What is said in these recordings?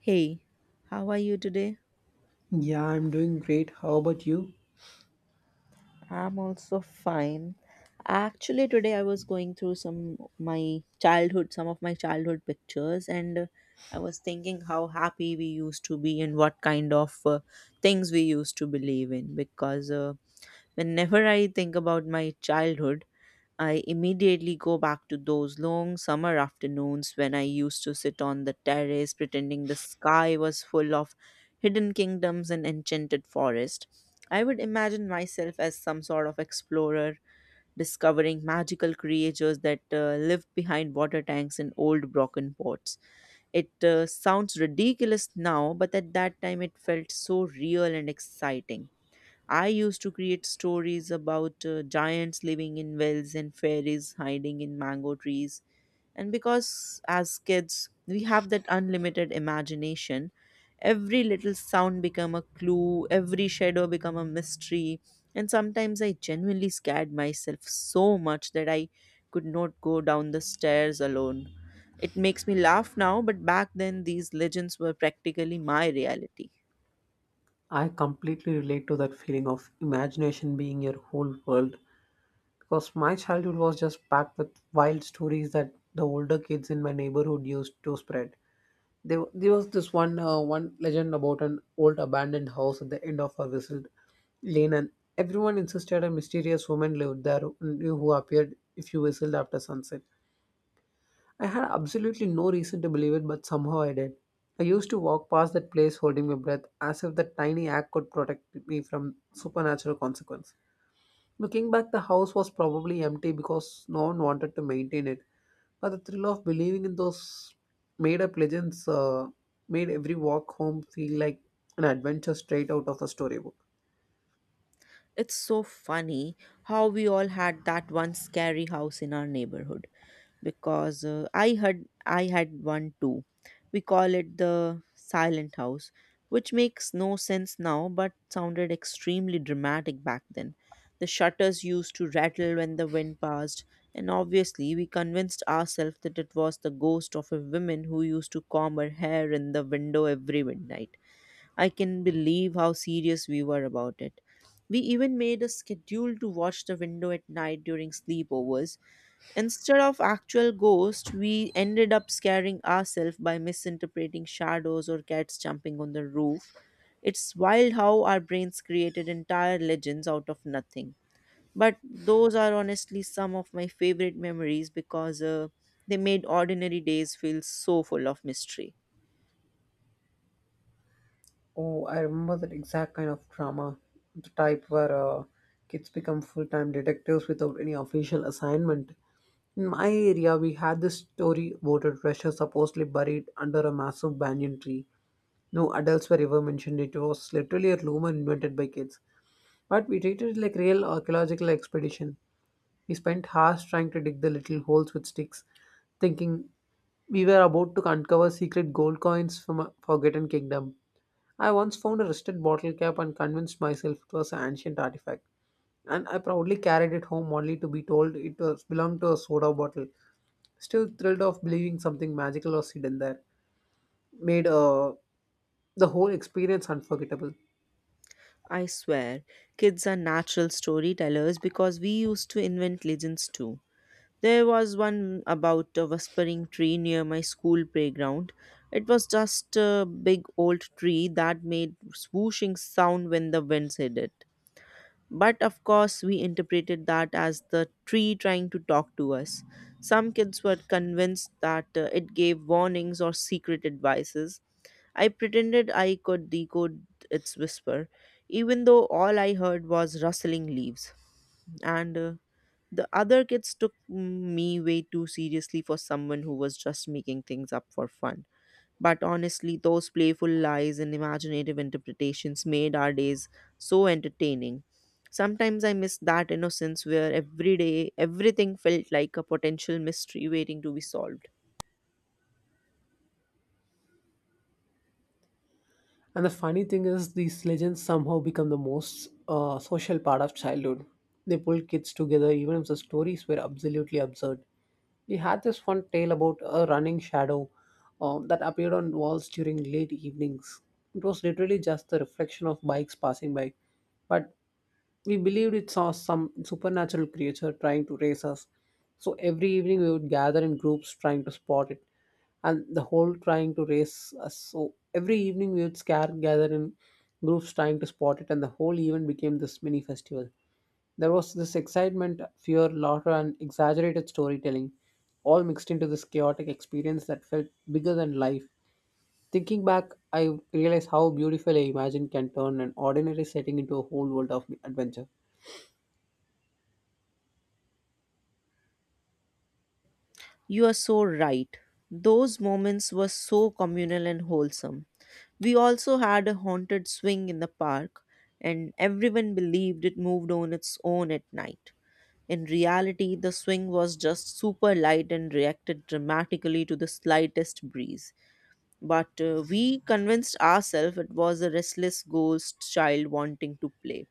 Hey, how are you today? Yeah, I'm doing great. How about you? I'm also fine. Actually, today I was going through some my childhood, some of my childhood pictures, and I was thinking how happy we used to be and what kind of things we used to believe in because whenever I think about my childhood, I immediately go back to those long summer afternoons when I used to sit on the terrace pretending the sky was full of hidden kingdoms and enchanted forest. I would imagine myself as some sort of explorer, discovering magical creatures that lived behind water tanks and old broken pots. It sounds ridiculous now, but at that time it felt so real and exciting. I used to create stories about giants living in wells and fairies hiding in mango trees. And because as kids we have that unlimited imagination, every little sound become a clue, every shadow become a mystery. And sometimes I genuinely scared myself so much that I could not go down the stairs alone. It makes me laugh now, but back then these legends were practically my reality. I completely relate to that feeling of imagination being your whole world because my childhood was just packed with wild stories that the older kids in my neighborhood used to spread. There was this one one legend about an old abandoned house at the end of a whistled lane, and everyone insisted a mysterious woman lived there who appeared if you whistled after sunset. I had absolutely no reason to believe it, but somehow I did. I used to walk past that place holding my breath as if that tiny act could protect me from supernatural consequence. Looking back, the house was probably empty because no one wanted to maintain it, but the thrill of believing in those made up legends made every walk home feel like an adventure straight out of a storybook. It's so funny how we all had that one scary house in our neighborhood because I had one too. We call it the silent house, which makes no sense now but sounded extremely dramatic back then. The shutters used to rattle when the wind passed, and obviously we convinced ourselves that it was the ghost of a woman who used to comb her hair in the window every midnight. I can believe how serious we were about it. We even made a schedule to watch the window at night during sleepovers. Instead of actual ghosts, we ended up scaring ourselves by misinterpreting shadows or cats jumping on the roof. It's wild how our brains created entire legends out of nothing. But those are honestly some of my favorite memories because they made ordinary days feel so full of mystery. Oh, I remember that exact kind of drama. The type where kids become full time detectives without any official assignment. In my area, we had this story about a treasure supposedly buried under a massive banyan tree. No adults were ever mentioned. It was literally a rumor invented by kids. But we treated it like real archaeological expedition. We spent hours trying to dig the little holes with sticks, thinking we were about to uncover secret gold coins from a forgotten kingdom. I once found a rusted bottle cap and convinced myself it was an ancient artifact, and I proudly carried it home only to be told it was belonged to a soda bottle. Still thrilled of believing something magical was hidden there, made the whole experience unforgettable. I swear, kids are natural storytellers because we used to invent legends too. There was one about a whispering tree near my school playground. It was just a big old tree that made swooshing sound when the winds hit it. But of course, we interpreted that as the tree trying to talk to us. Some kids were convinced that it gave warnings or secret advices. I pretended I could decode its whisper, even though all I heard was rustling leaves. And The other kids took me way too seriously for someone who was just making things up for fun. But honestly, those playful lies and imaginative interpretations made our days so entertaining. Sometimes I miss that innocence where every day everything felt like a potential mystery waiting to be solved. And the funny thing is, these legends somehow become the most social part of childhood. They pull kids together even if the stories were absolutely absurd. We had this one tale about a running shadow that appeared on walls during late evenings. It was literally just the reflection of bikes passing by, but we believed it saw some supernatural creature trying to race us. So every evening we would gather in groups trying to spot it, and the whole trying to race us. So every evening we would scare gather in groups trying to spot it, and the whole event became this mini festival. There was this excitement, fear, laughter, and exaggerated storytelling, all mixed into this chaotic experience that felt bigger than life. Thinking back, I realize how beautiful a imagine can turn an ordinary setting into a whole world of adventure. You are so right. Those moments were so communal and wholesome. We also had a haunted swing in the park, and everyone believed it moved on its own at night. In reality, the swing was just super light and reacted dramatically to the slightest breeze. But we convinced ourselves it was a restless ghost child wanting to play.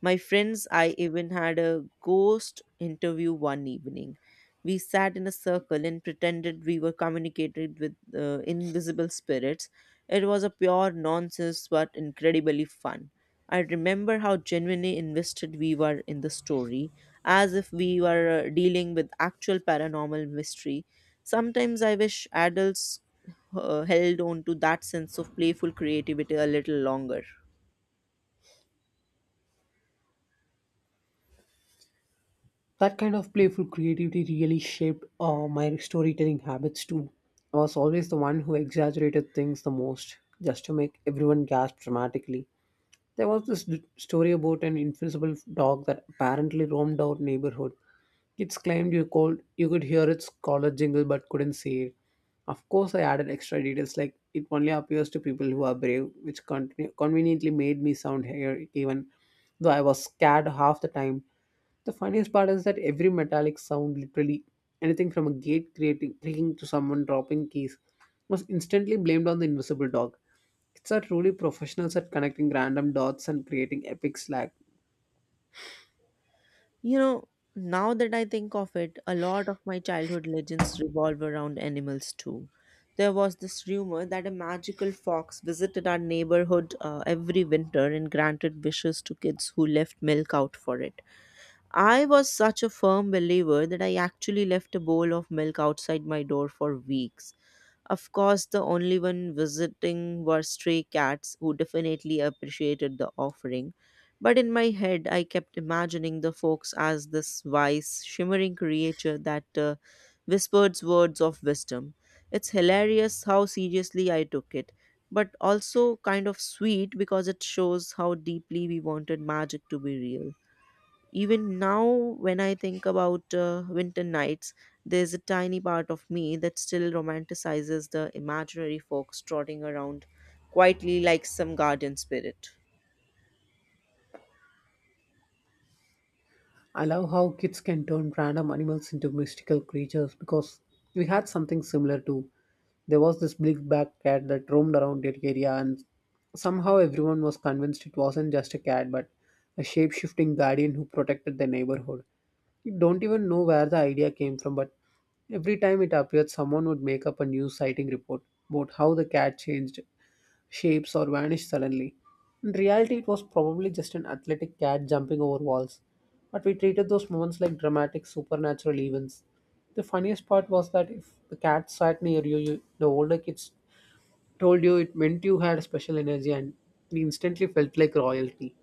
My friends, I even had a ghost interview one evening. We sat in a circle and pretended we were communicated with invisible spirits. It was a pure nonsense but incredibly fun. I remember how genuinely invested we were in the story, as if we were dealing with actual paranormal mystery. Sometimes I wish adults held on to that sense of playful creativity a little longer. That kind of playful creativity really shaped my storytelling habits too. I was always the one who exaggerated things the most, just to make everyone gasp dramatically. There was this story about an invisible dog that apparently roamed our neighborhood. Kids claimed you could hear its collar jingle but couldn't see it. Of course, I added extra details like it only appears to people who are brave, which conveniently made me sound here even though I was scared half the time. The funniest part is that every metallic sound, literally anything from a gate creaking to someone dropping keys, was instantly blamed on the invisible dog. Kids are truly professionals at connecting random dots and creating epic slag. You know, now that I think of it, a lot of my childhood legends revolve around animals too. There was this rumor that a magical fox visited our neighborhood every winter and granted wishes to kids who left milk out for it. I was such a firm believer that I actually left a bowl of milk outside my door for weeks. Of course, the only one visiting were stray cats who definitely appreciated the offering. But in my head, I kept imagining the folks as this wise, shimmering creature that whispered words of wisdom. It's hilarious how seriously I took it, but also kind of sweet because it shows how deeply we wanted magic to be real. Even now, when I think about winter nights, there's a tiny part of me that still romanticizes the imaginary folks trotting around quietly like some guardian spirit. I love how kids can turn random animals into mystical creatures because we had something similar too. There was this big black cat that roamed around that area, and somehow everyone was convinced it wasn't just a cat but a shape shifting guardian who protected the neighborhood. You don't even know where the idea came from, but every time it appeared, someone would make up a new sighting report about how the cat changed shapes or vanished suddenly. In reality, it was probably just an athletic cat jumping over walls, but we treated those moments like dramatic supernatural events. The funniest part was that if the cat sat near you, the older kids told you it meant you had special energy and we instantly felt like royalty.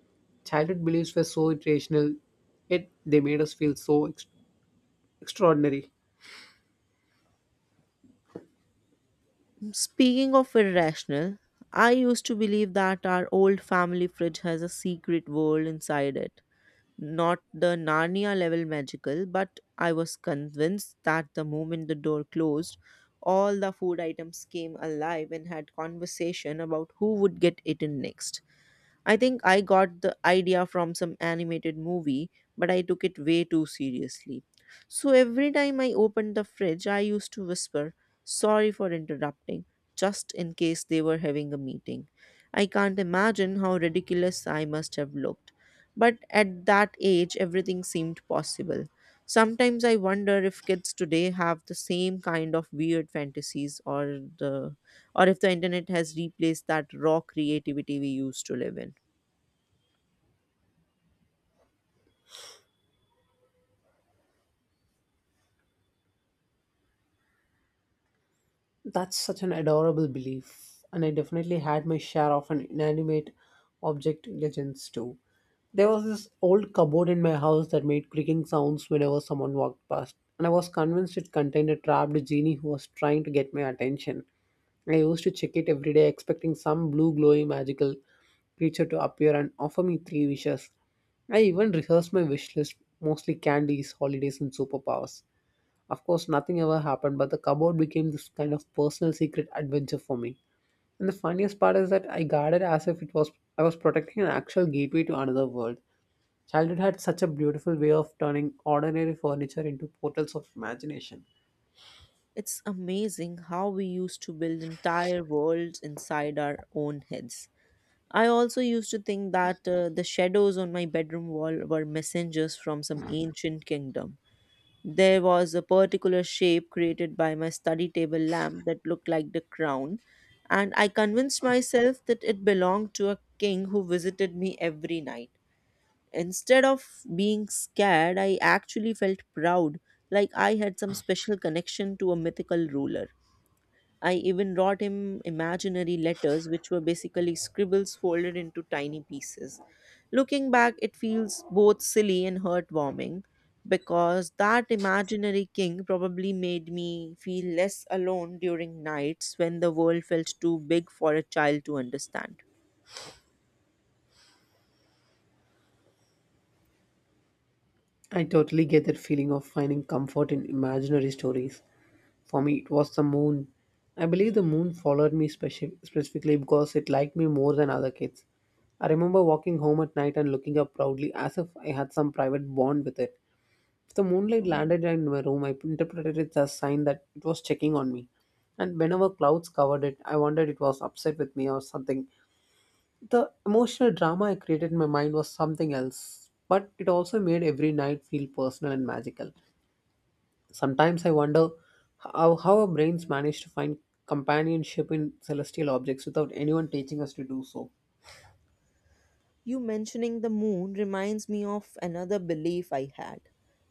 Childhood beliefs were so irrational, yet they made us feel so extraordinary. Speaking of irrational, I used to believe that our old family fridge has a secret world inside it. Not the Narnia level magical, but I was convinced that the moment the door closed, all the food items came alive and had conversation about who would get eaten next. I think I got the idea from some animated movie, but I took it way too seriously. So every time I opened the fridge, I used to whisper, "Sorry for interrupting," just in case they were having a meeting. I can't imagine how ridiculous I must have looked. But at that age, everything seemed possible. Sometimes I wonder if kids today have the same kind of weird fantasies, or the or if the internet has replaced that raw creativity we used to live in. That's such an adorable belief, and I definitely had my share of an inanimate object legends too. There was this old cupboard in my house that made creaking sounds whenever someone walked past, and I was convinced it contained a trapped genie who was trying to get my attention. I used to check it every day, expecting some blue glowing magical creature to appear and offer me three wishes. I even rehearsed my wish list, mostly candies, holidays, and superpowers. Of course, nothing ever happened, but the cupboard became this kind of personal secret adventure for me. And the funniest part is that I guarded as if it was I was protecting an actual gateway to another world. Childhood had such a beautiful way of turning ordinary furniture into portals of imagination. It's amazing how we used to build entire worlds inside our own heads. I also used to think that the shadows on my bedroom wall were messengers from some ancient kingdom. There was a particular shape created by my study table lamp that looked like the crown, and I convinced myself that it belonged to a king who visited me every night. Instead of being scared, I actually felt proud, like I had some special connection to a mythical ruler. I even wrote him imaginary letters, which were basically scribbles folded into tiny pieces. Looking back, it feels both silly and heartwarming because that imaginary king probably made me feel less alone during nights when the world felt too big for a child to understand. I totally get that feeling of finding comfort in imaginary stories. For me, it was the moon. I believe the moon followed me specifically because it liked me more than other kids. I remember walking home at night and looking up proudly as if I had some private bond with it. If the moonlight landed in my room, I interpreted it as a sign that it was checking on me. And whenever clouds covered it, I wondered it was upset with me or something the emotional drama I created in my mind was something else, but it also made every night feel personal and magical. Sometimes I wonder how our brains manage to find companionship in celestial objects without anyone teaching us to do so. You mentioning the moon reminds me of another belief I had,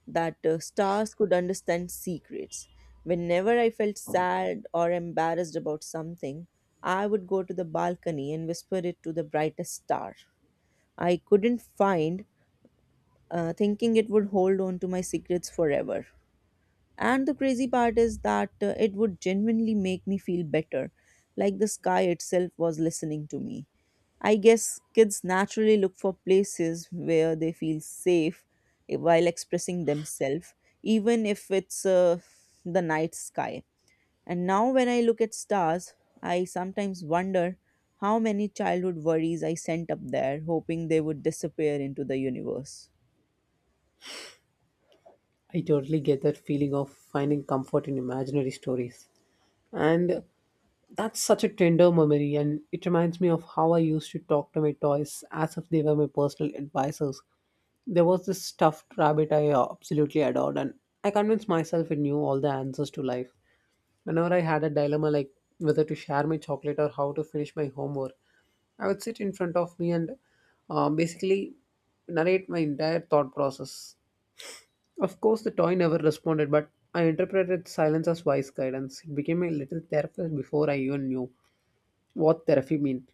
that stars could understand secrets. Whenever I felt sad or embarrassed about something, I would go to the balcony and whisper it to the brightest star I couldn't find, thinking it would hold on to my secrets forever. And the crazy part is that it would genuinely make me feel better, like the sky itself was listening to me. I guess kids naturally look for places where they feel safe, while expressing themselves, even if it's the night sky. And now, when I look at stars, I sometimes wonder how many childhood worries I sent up there, hoping they would disappear into the universe. I totally get that feeling of finding comfort in imaginary stories. And that's such a tender memory, and it reminds me of how I used to talk to my toys as if they were my personal advisors. There was this stuffed rabbit I absolutely adored, and I convinced myself it knew all the answers to life. Whenever I had a dilemma like whether to share my chocolate or how to finish my homework, I would sit in front of me and basically narrate my entire thought process. Of course, the toy never responded, but I interpreted silence as wise guidance. It became a little therapist before I even knew what therapy meant.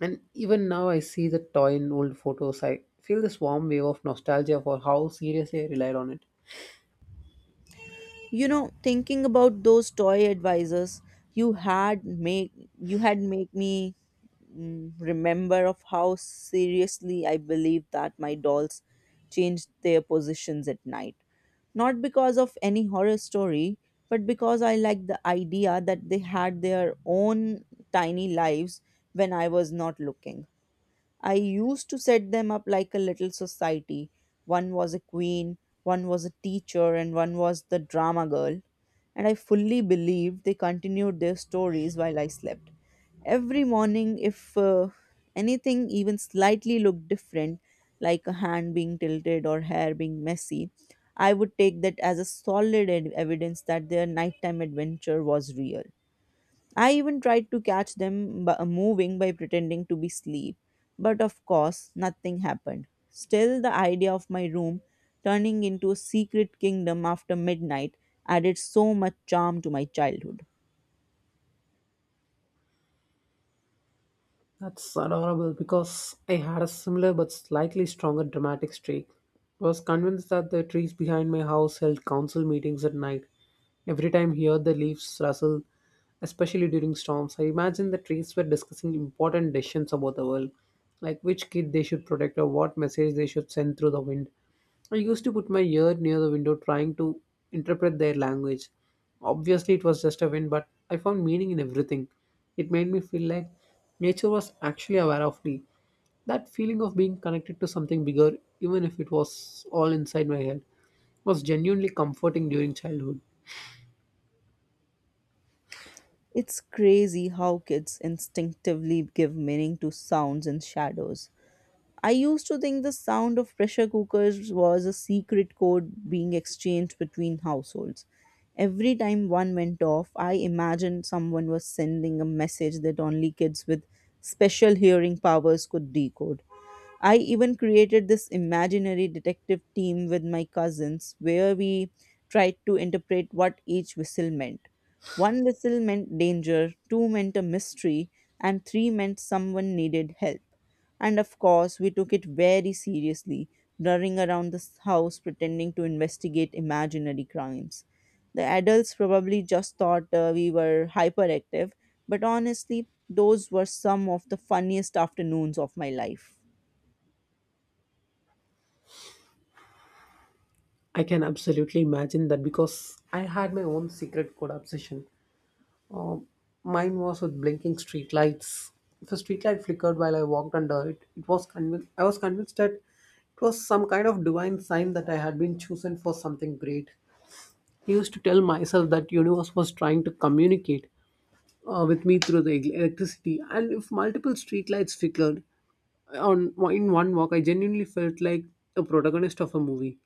And even now, I see the toy in old photos. I feel this warm wave of nostalgia for how seriously I relied on it. You know, thinking about those toy advisors you had make you had make me mm, remember of how seriously I believed that my dolls changed their positions at night, not because of any horror story, but because I liked the idea that they had their own tiny lives when I was not looking. I used to set them up like a little society. One was a queen, one was a teacher, and one was the drama girl. And I fully believed they continued their stories while I slept. Every morning, if anything even slightly looked different, like a hand being tilted or hair being messy, I would take that as a solid evidence that their nighttime adventure was real. I even tried to catch them moving by pretending to be asleep, but of course, nothing happened. Still, the idea of my room turning into a secret kingdom after midnight added so much charm to my childhood. That's adorable because I had a similar but slightly stronger dramatic streak. I was convinced that the trees behind my house held council meetings at night. Every time I heard the leaves rustle, especially during storms, I imagined the trees were discussing important decisions about the world, like which kid they should protect or what message they should send through the wind. I used to put my ear near the window trying to interpret their language. Obviously, it was just a wind, but I found meaning in everything. It made me feel like nature was actually aware of me. That feeling of being connected to something bigger, even if it was all inside my head, was genuinely comforting during childhood. It's crazy how kids instinctively give meaning to sounds and shadows. I used to think the sound of pressure cookers was a secret code being exchanged between households. Every time one went off, I imagined someone was sending a message that only kids with special hearing powers could decode. I even created this imaginary detective team with my cousins where we tried to interpret what each whistle meant. One whistle meant danger, two meant a mystery, and three meant someone needed help. And of course, we took it very seriously, running around the house pretending to investigate imaginary crimes. The adults probably just thought we were hyperactive, but honestly, those were some of the funniest afternoons of my life. I can absolutely imagine that because I had my own secret code obsession. Uh, Mine was with blinking streetlights. If a streetlight flickered while I walked under it, it was convinced. I was convinced that it was some kind of divine sign that I had been chosen for something great. I used to tell myself that universe was trying to communicate with me through the electricity. And if multiple streetlights flickered on in one walk, I genuinely felt like a protagonist of a movie.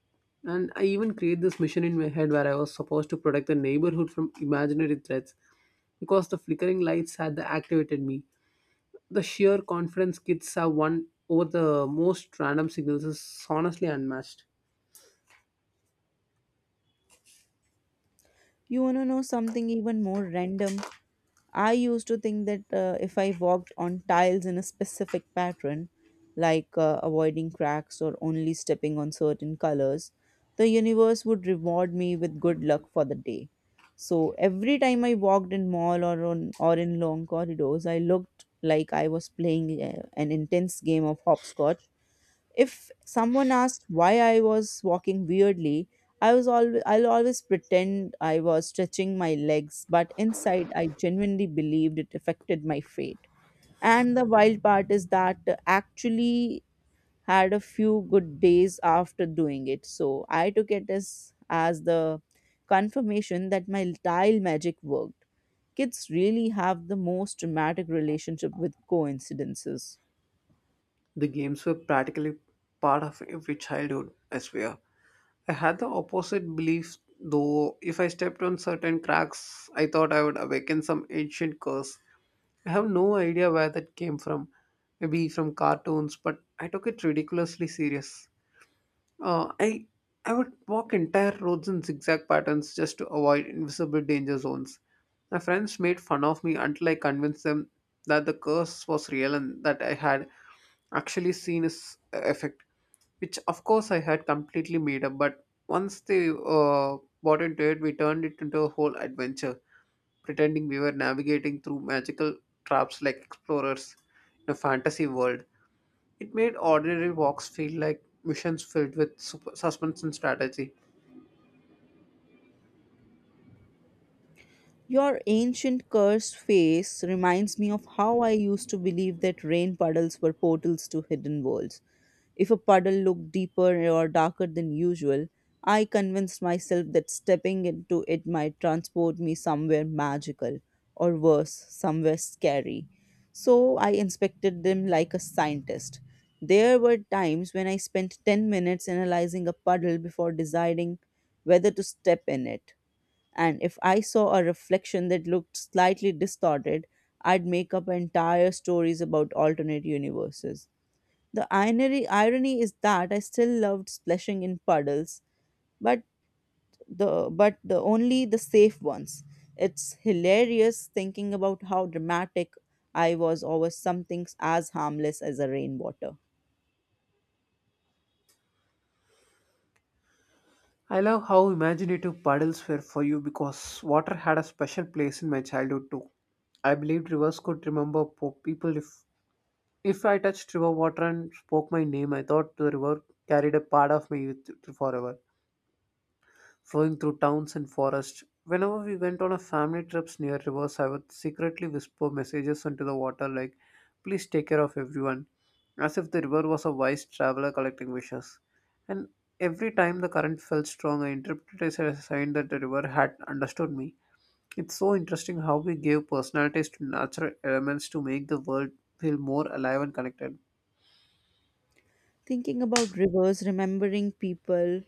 And I even created this mission in my head where I was supposed to protect the neighborhood from imaginary threats because the flickering lights had activated me. The sheer confidence kids have won over the most random signals is honestly unmatched. You want to know something even more random? I used to think that if I walked on tiles in a specific pattern, like avoiding cracks or only stepping on certain colors, the universe would reward me with good luck for the day. So every time I walked in mall or on or in long corridors, I looked like I was playing an intense game of hopscotch. If someone asked why I was walking weirdly, I'll always pretend I was stretching my legs, but inside I genuinely believed it affected my fate. And the wild part is that actually had a few good days after doing it. So I took it as the confirmation that my tile magic worked. Kids really have the most dramatic relationship with coincidences. The games were practically part of every childhood, I swear. I had the opposite belief, though, if I stepped on certain cracks, I thought I would awaken some ancient curse. I have no idea where that came from. Maybe from cartoons, but I took it ridiculously serious. Uh, I I would walk entire roads in zigzag patterns just to avoid invisible danger zones. My friends made fun of me until I convinced them that the curse was real and that I had actually seen its effect, which of course I had completely made up. But once they bought into it, we turned it into a whole adventure, pretending we were navigating through magical traps like explorers in a fantasy world. It made ordinary walks feel like missions filled with suspense and strategy. Your ancient cursed face reminds me of how I used to believe that rain puddles were portals to hidden worlds. If a puddle looked deeper or darker than usual, I convinced myself that stepping into it might transport me somewhere magical, or worse, somewhere scary. So I inspected them like a scientist. There were times when I spent 10 minutes analyzing a puddle before deciding whether to step in it, and if I saw a reflection that looked slightly distorted, I'd make up entire stories about alternate universes. The irony is that I still loved splashing in puddles, but but the only the safe ones. It's hilarious thinking about how dramatic I was over something as harmless as a rainwater. I love how imaginative puddles were for you because water had a special place in my childhood too. I believed rivers could remember people if I touched river water and spoke my name, I thought the river carried a part of me with forever, flowing through towns and forests. Whenever we went on a family trips near rivers, I would secretly whisper messages into the water like, "Please take care of everyone," as if the river was a wise traveler collecting wishes. And every time the current felt strong, I interpreted it as a sign that the river had understood me. It's so interesting how we give personalities to natural elements to make the world feel more alive and connected. Thinking about rivers, remembering people,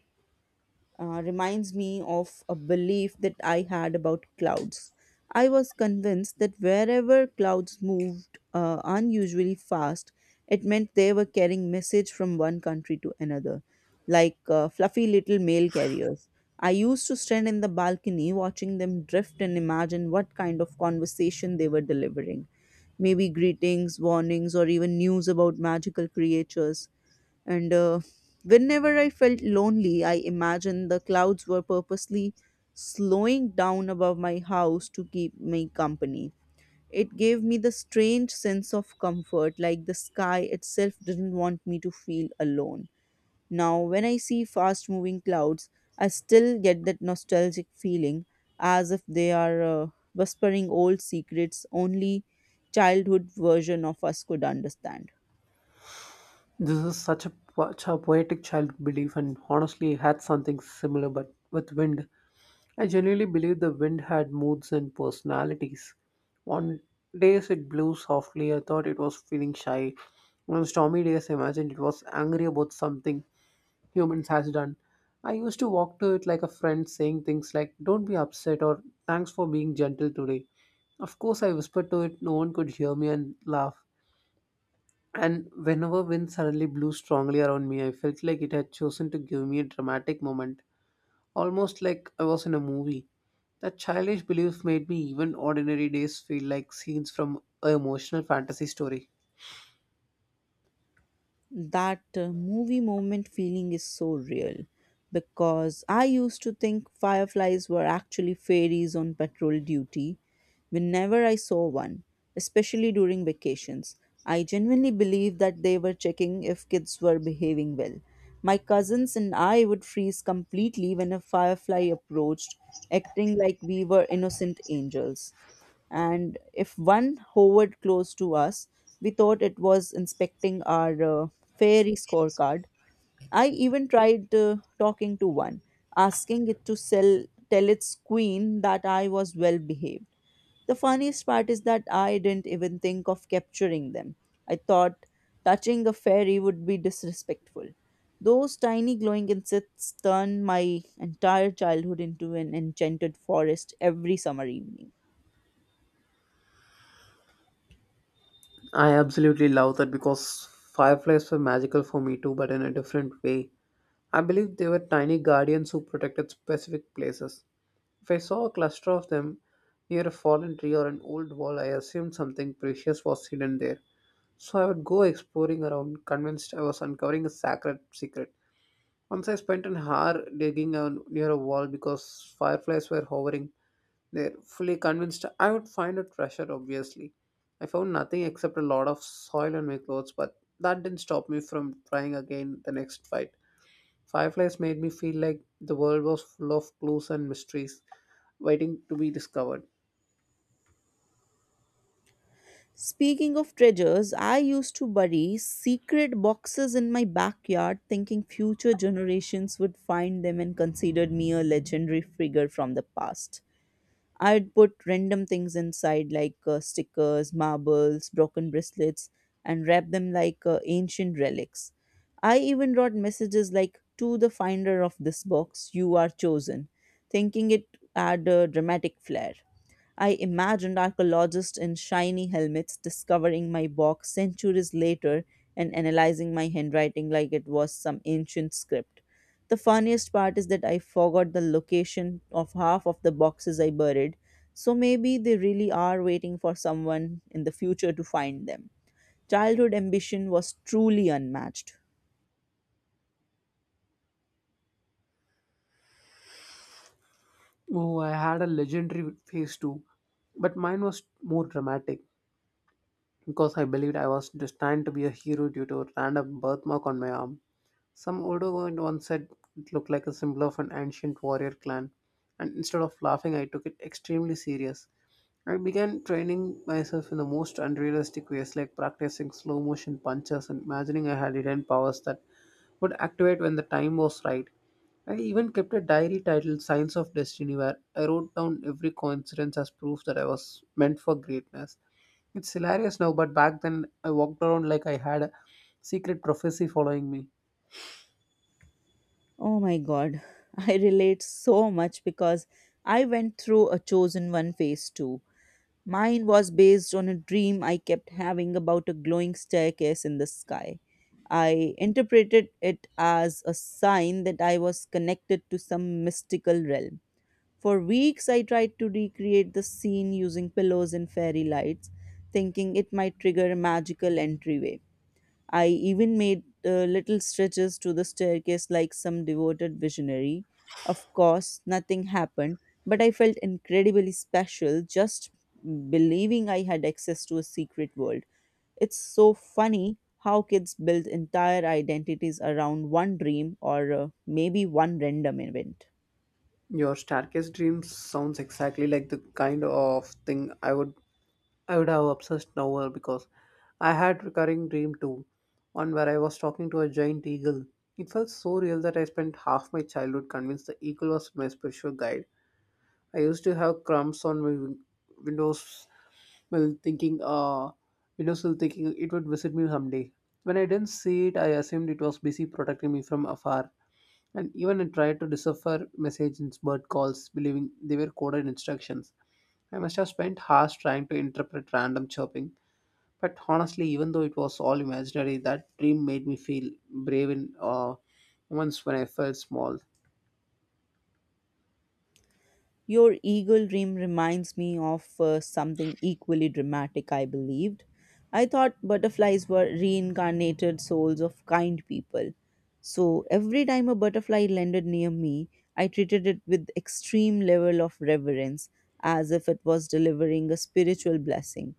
reminds me of a belief that I had about clouds. I was convinced that wherever clouds moved unusually fast, it meant they were carrying message from one country to another, like fluffy little mail carriers. I used to stand in the balcony watching them drift and imagine what kind of conversation they were delivering, maybe greetings, warnings, or even news about magical creatures. And Whenever I felt lonely, I imagined the clouds were purposely slowing down above my house to keep me company. It gave me the strange sense of comfort, like the sky itself didn't want me to feel alone. Now, when I see fast moving clouds, I still get that nostalgic feeling as if they are whispering old secrets only childhood version of us could understand. This is such a poetic child belief, and honestly, I had something similar but with wind. I genuinely believe the wind had moods and personalities. On days it blew softly, I thought it was feeling shy. On stormy days, I imagined it was angry about something humans has done. I used to walk to it like a friend, saying things like, "Don't be upset," or, "Thanks for being gentle today." Of course, I whispered to it, no one could hear me and laugh. And whenever wind suddenly blew strongly around me, I felt like it had chosen to give me a dramatic moment, almost like I was in a movie. That childish belief made me even ordinary days feel like scenes from an emotional fantasy story. That movie moment feeling is so real because I used to think fireflies were actually fairies on patrol duty whenever I saw one, especially during vacations. I genuinely believed that they were checking if kids were behaving well. My cousins and I would freeze completely when a firefly approached, acting like we were innocent angels, and if one hovered close to us, we thought it was inspecting our fairy scorecard. I even tried talking to one, asking it to tell its queen that I was well behaved. The funniest part is that I didn't even think of capturing them. I thought touching a fairy would be disrespectful. Those tiny glowing insects turned my entire childhood into an enchanted forest every summer evening. I absolutely love that because fireflies were magical for me too, but in a different way. I believe they were tiny guardians who protected specific places. If I saw a cluster of them near a fallen tree or an old wall, I assumed something precious was hidden there. So I would go exploring around, convinced I was uncovering a sacred secret. Once I spent an hour digging on, near a wall because fireflies were hovering there, fully convinced I would find a treasure, obviously. I found nothing except a lot of soil on my clothes, but that didn't stop me from trying again the next fight. Fireflies made me feel like the world was full of clues and mysteries waiting to be discovered. Speaking of treasures, I used to bury secret boxes in my backyard thinking future generations would find them and considered me a legendary figure from the past. I'd put random things inside, like stickers, marbles, broken bracelets, and wrap them like ancient relics. I even wrote messages like, "To the finder of this box, you are chosen," thinking it had a dramatic flair. I imagined archaeologists in shiny helmets discovering my box centuries later and analyzing my handwriting like it was some ancient script. The funniest part is that I forgot the location of half of the boxes I buried, so maybe they really are waiting for someone in the future to find them. Childhood ambition was truly unmatched. Oh, I had a legendary phase too, but mine was more dramatic because I believed I was destined to be a hero due to a random birthmark on my arm. Some older one once said it looked like a symbol of an ancient warrior clan, and instead of laughing, I took it extremely serious. I began training myself in the most unrealistic ways, like practicing slow motion punches and imagining I had hidden powers that would activate when the time was right. I even kept a diary titled Signs of Destiny, where I wrote down every coincidence as proof that I was meant for greatness. It's hilarious now, but back then I walked around like I had a secret prophecy following me. Oh my god, I relate so much because I went through a chosen one phase too. Mine was based on a dream I kept having about a glowing staircase in the sky. I interpreted it as a sign that I was connected to some mystical realm. For weeks, I tried to recreate the scene using pillows and fairy lights, thinking it might trigger a magical entryway. I even made little stretches to the staircase like some devoted visionary. Of course, nothing happened, but I felt incredibly special just believing I had access to a secret world. It's so funny how kids build entire identities around one dream or maybe one random event. Your staircase dreams sounds exactly like the kind of thing I would have obsessed over because I had recurring dream too, one where I was talking to a giant eagle. It felt so real that I spent half my childhood convinced the eagle was my spiritual guide. I used to have crumbs on my windows while thinking windowsill thinking it would visit me someday. When I didn't see it, I assumed it was busy protecting me from afar. And even I tried to decipher messages bird calls, believing they were coded instructions. I must have spent hours trying to interpret random chirping. But honestly, even though it was all imaginary, that dream made me feel brave in moments when I felt small. Your eagle dream reminds me of something equally dramatic I believed. I thought butterflies were reincarnated souls of kind people. So every time a butterfly landed near me, I treated it with extreme level of reverence as if it was delivering a spiritual blessing.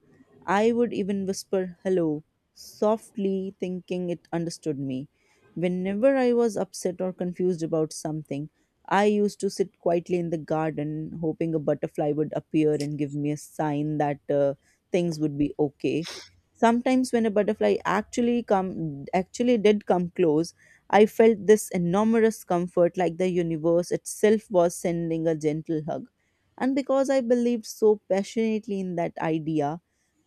I would even whisper hello softly thinking it understood me. Whenever I was upset or confused about something, I used to sit quietly in the garden, hoping a butterfly would appear and give me a sign that things would be okay. Sometimes, when a butterfly actually did come close, I felt this enormous comfort, like the universe itself was sending a gentle hug. And because I believed so passionately in that idea,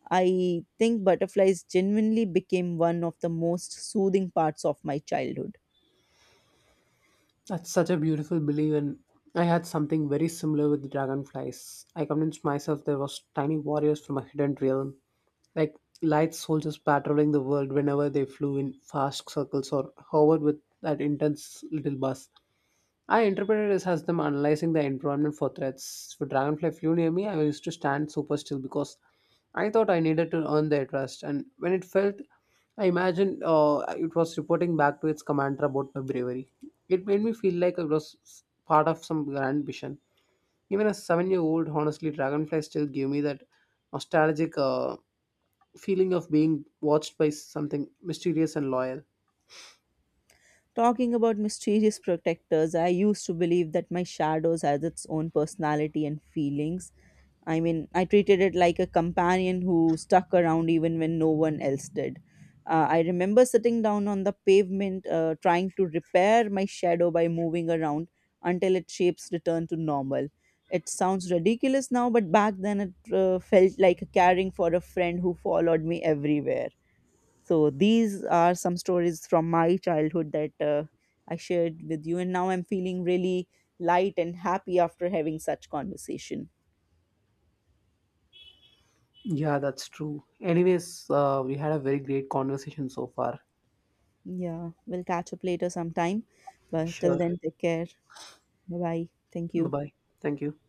I think butterflies genuinely became one of the most soothing parts of my childhood. That's such a beautiful belief, and I had something very similar with dragonflies. I convinced myself there was tiny warriors from a hidden realm, like light soldiers patrolling the world whenever they flew in fast circles or hovered with that intense little buzz. I interpreted this as them analyzing the environment for threats. When Dragonfly flew near me, I used to stand super still because I thought I needed to earn their trust. And when it felt, I imagined it was reporting back to its commander about my bravery. It made me feel like I was part of some grand mission. Even as a 7 year old, honestly, Dragonfly still gave me that nostalgic feeling of being watched by something mysterious and loyal. Talking about mysterious protectors, I used to believe that my shadows has its own personality and feelings. I mean, I treated it like a companion who stuck around even when no one else did. I remember sitting down on the pavement, trying to repair my shadow by moving around until its shapes returned to normal. It sounds ridiculous now, but back then it felt like caring for a friend who followed me everywhere. So these are some stories from my childhood that I shared with you, and now I'm feeling really light and happy after having such conversation. Yeah, that's true. Anyways, we had a very great conversation so far. Yeah, we'll catch up later sometime, but till Sure. then, take care. Bye bye. Thank Bye you. bye. Thank you.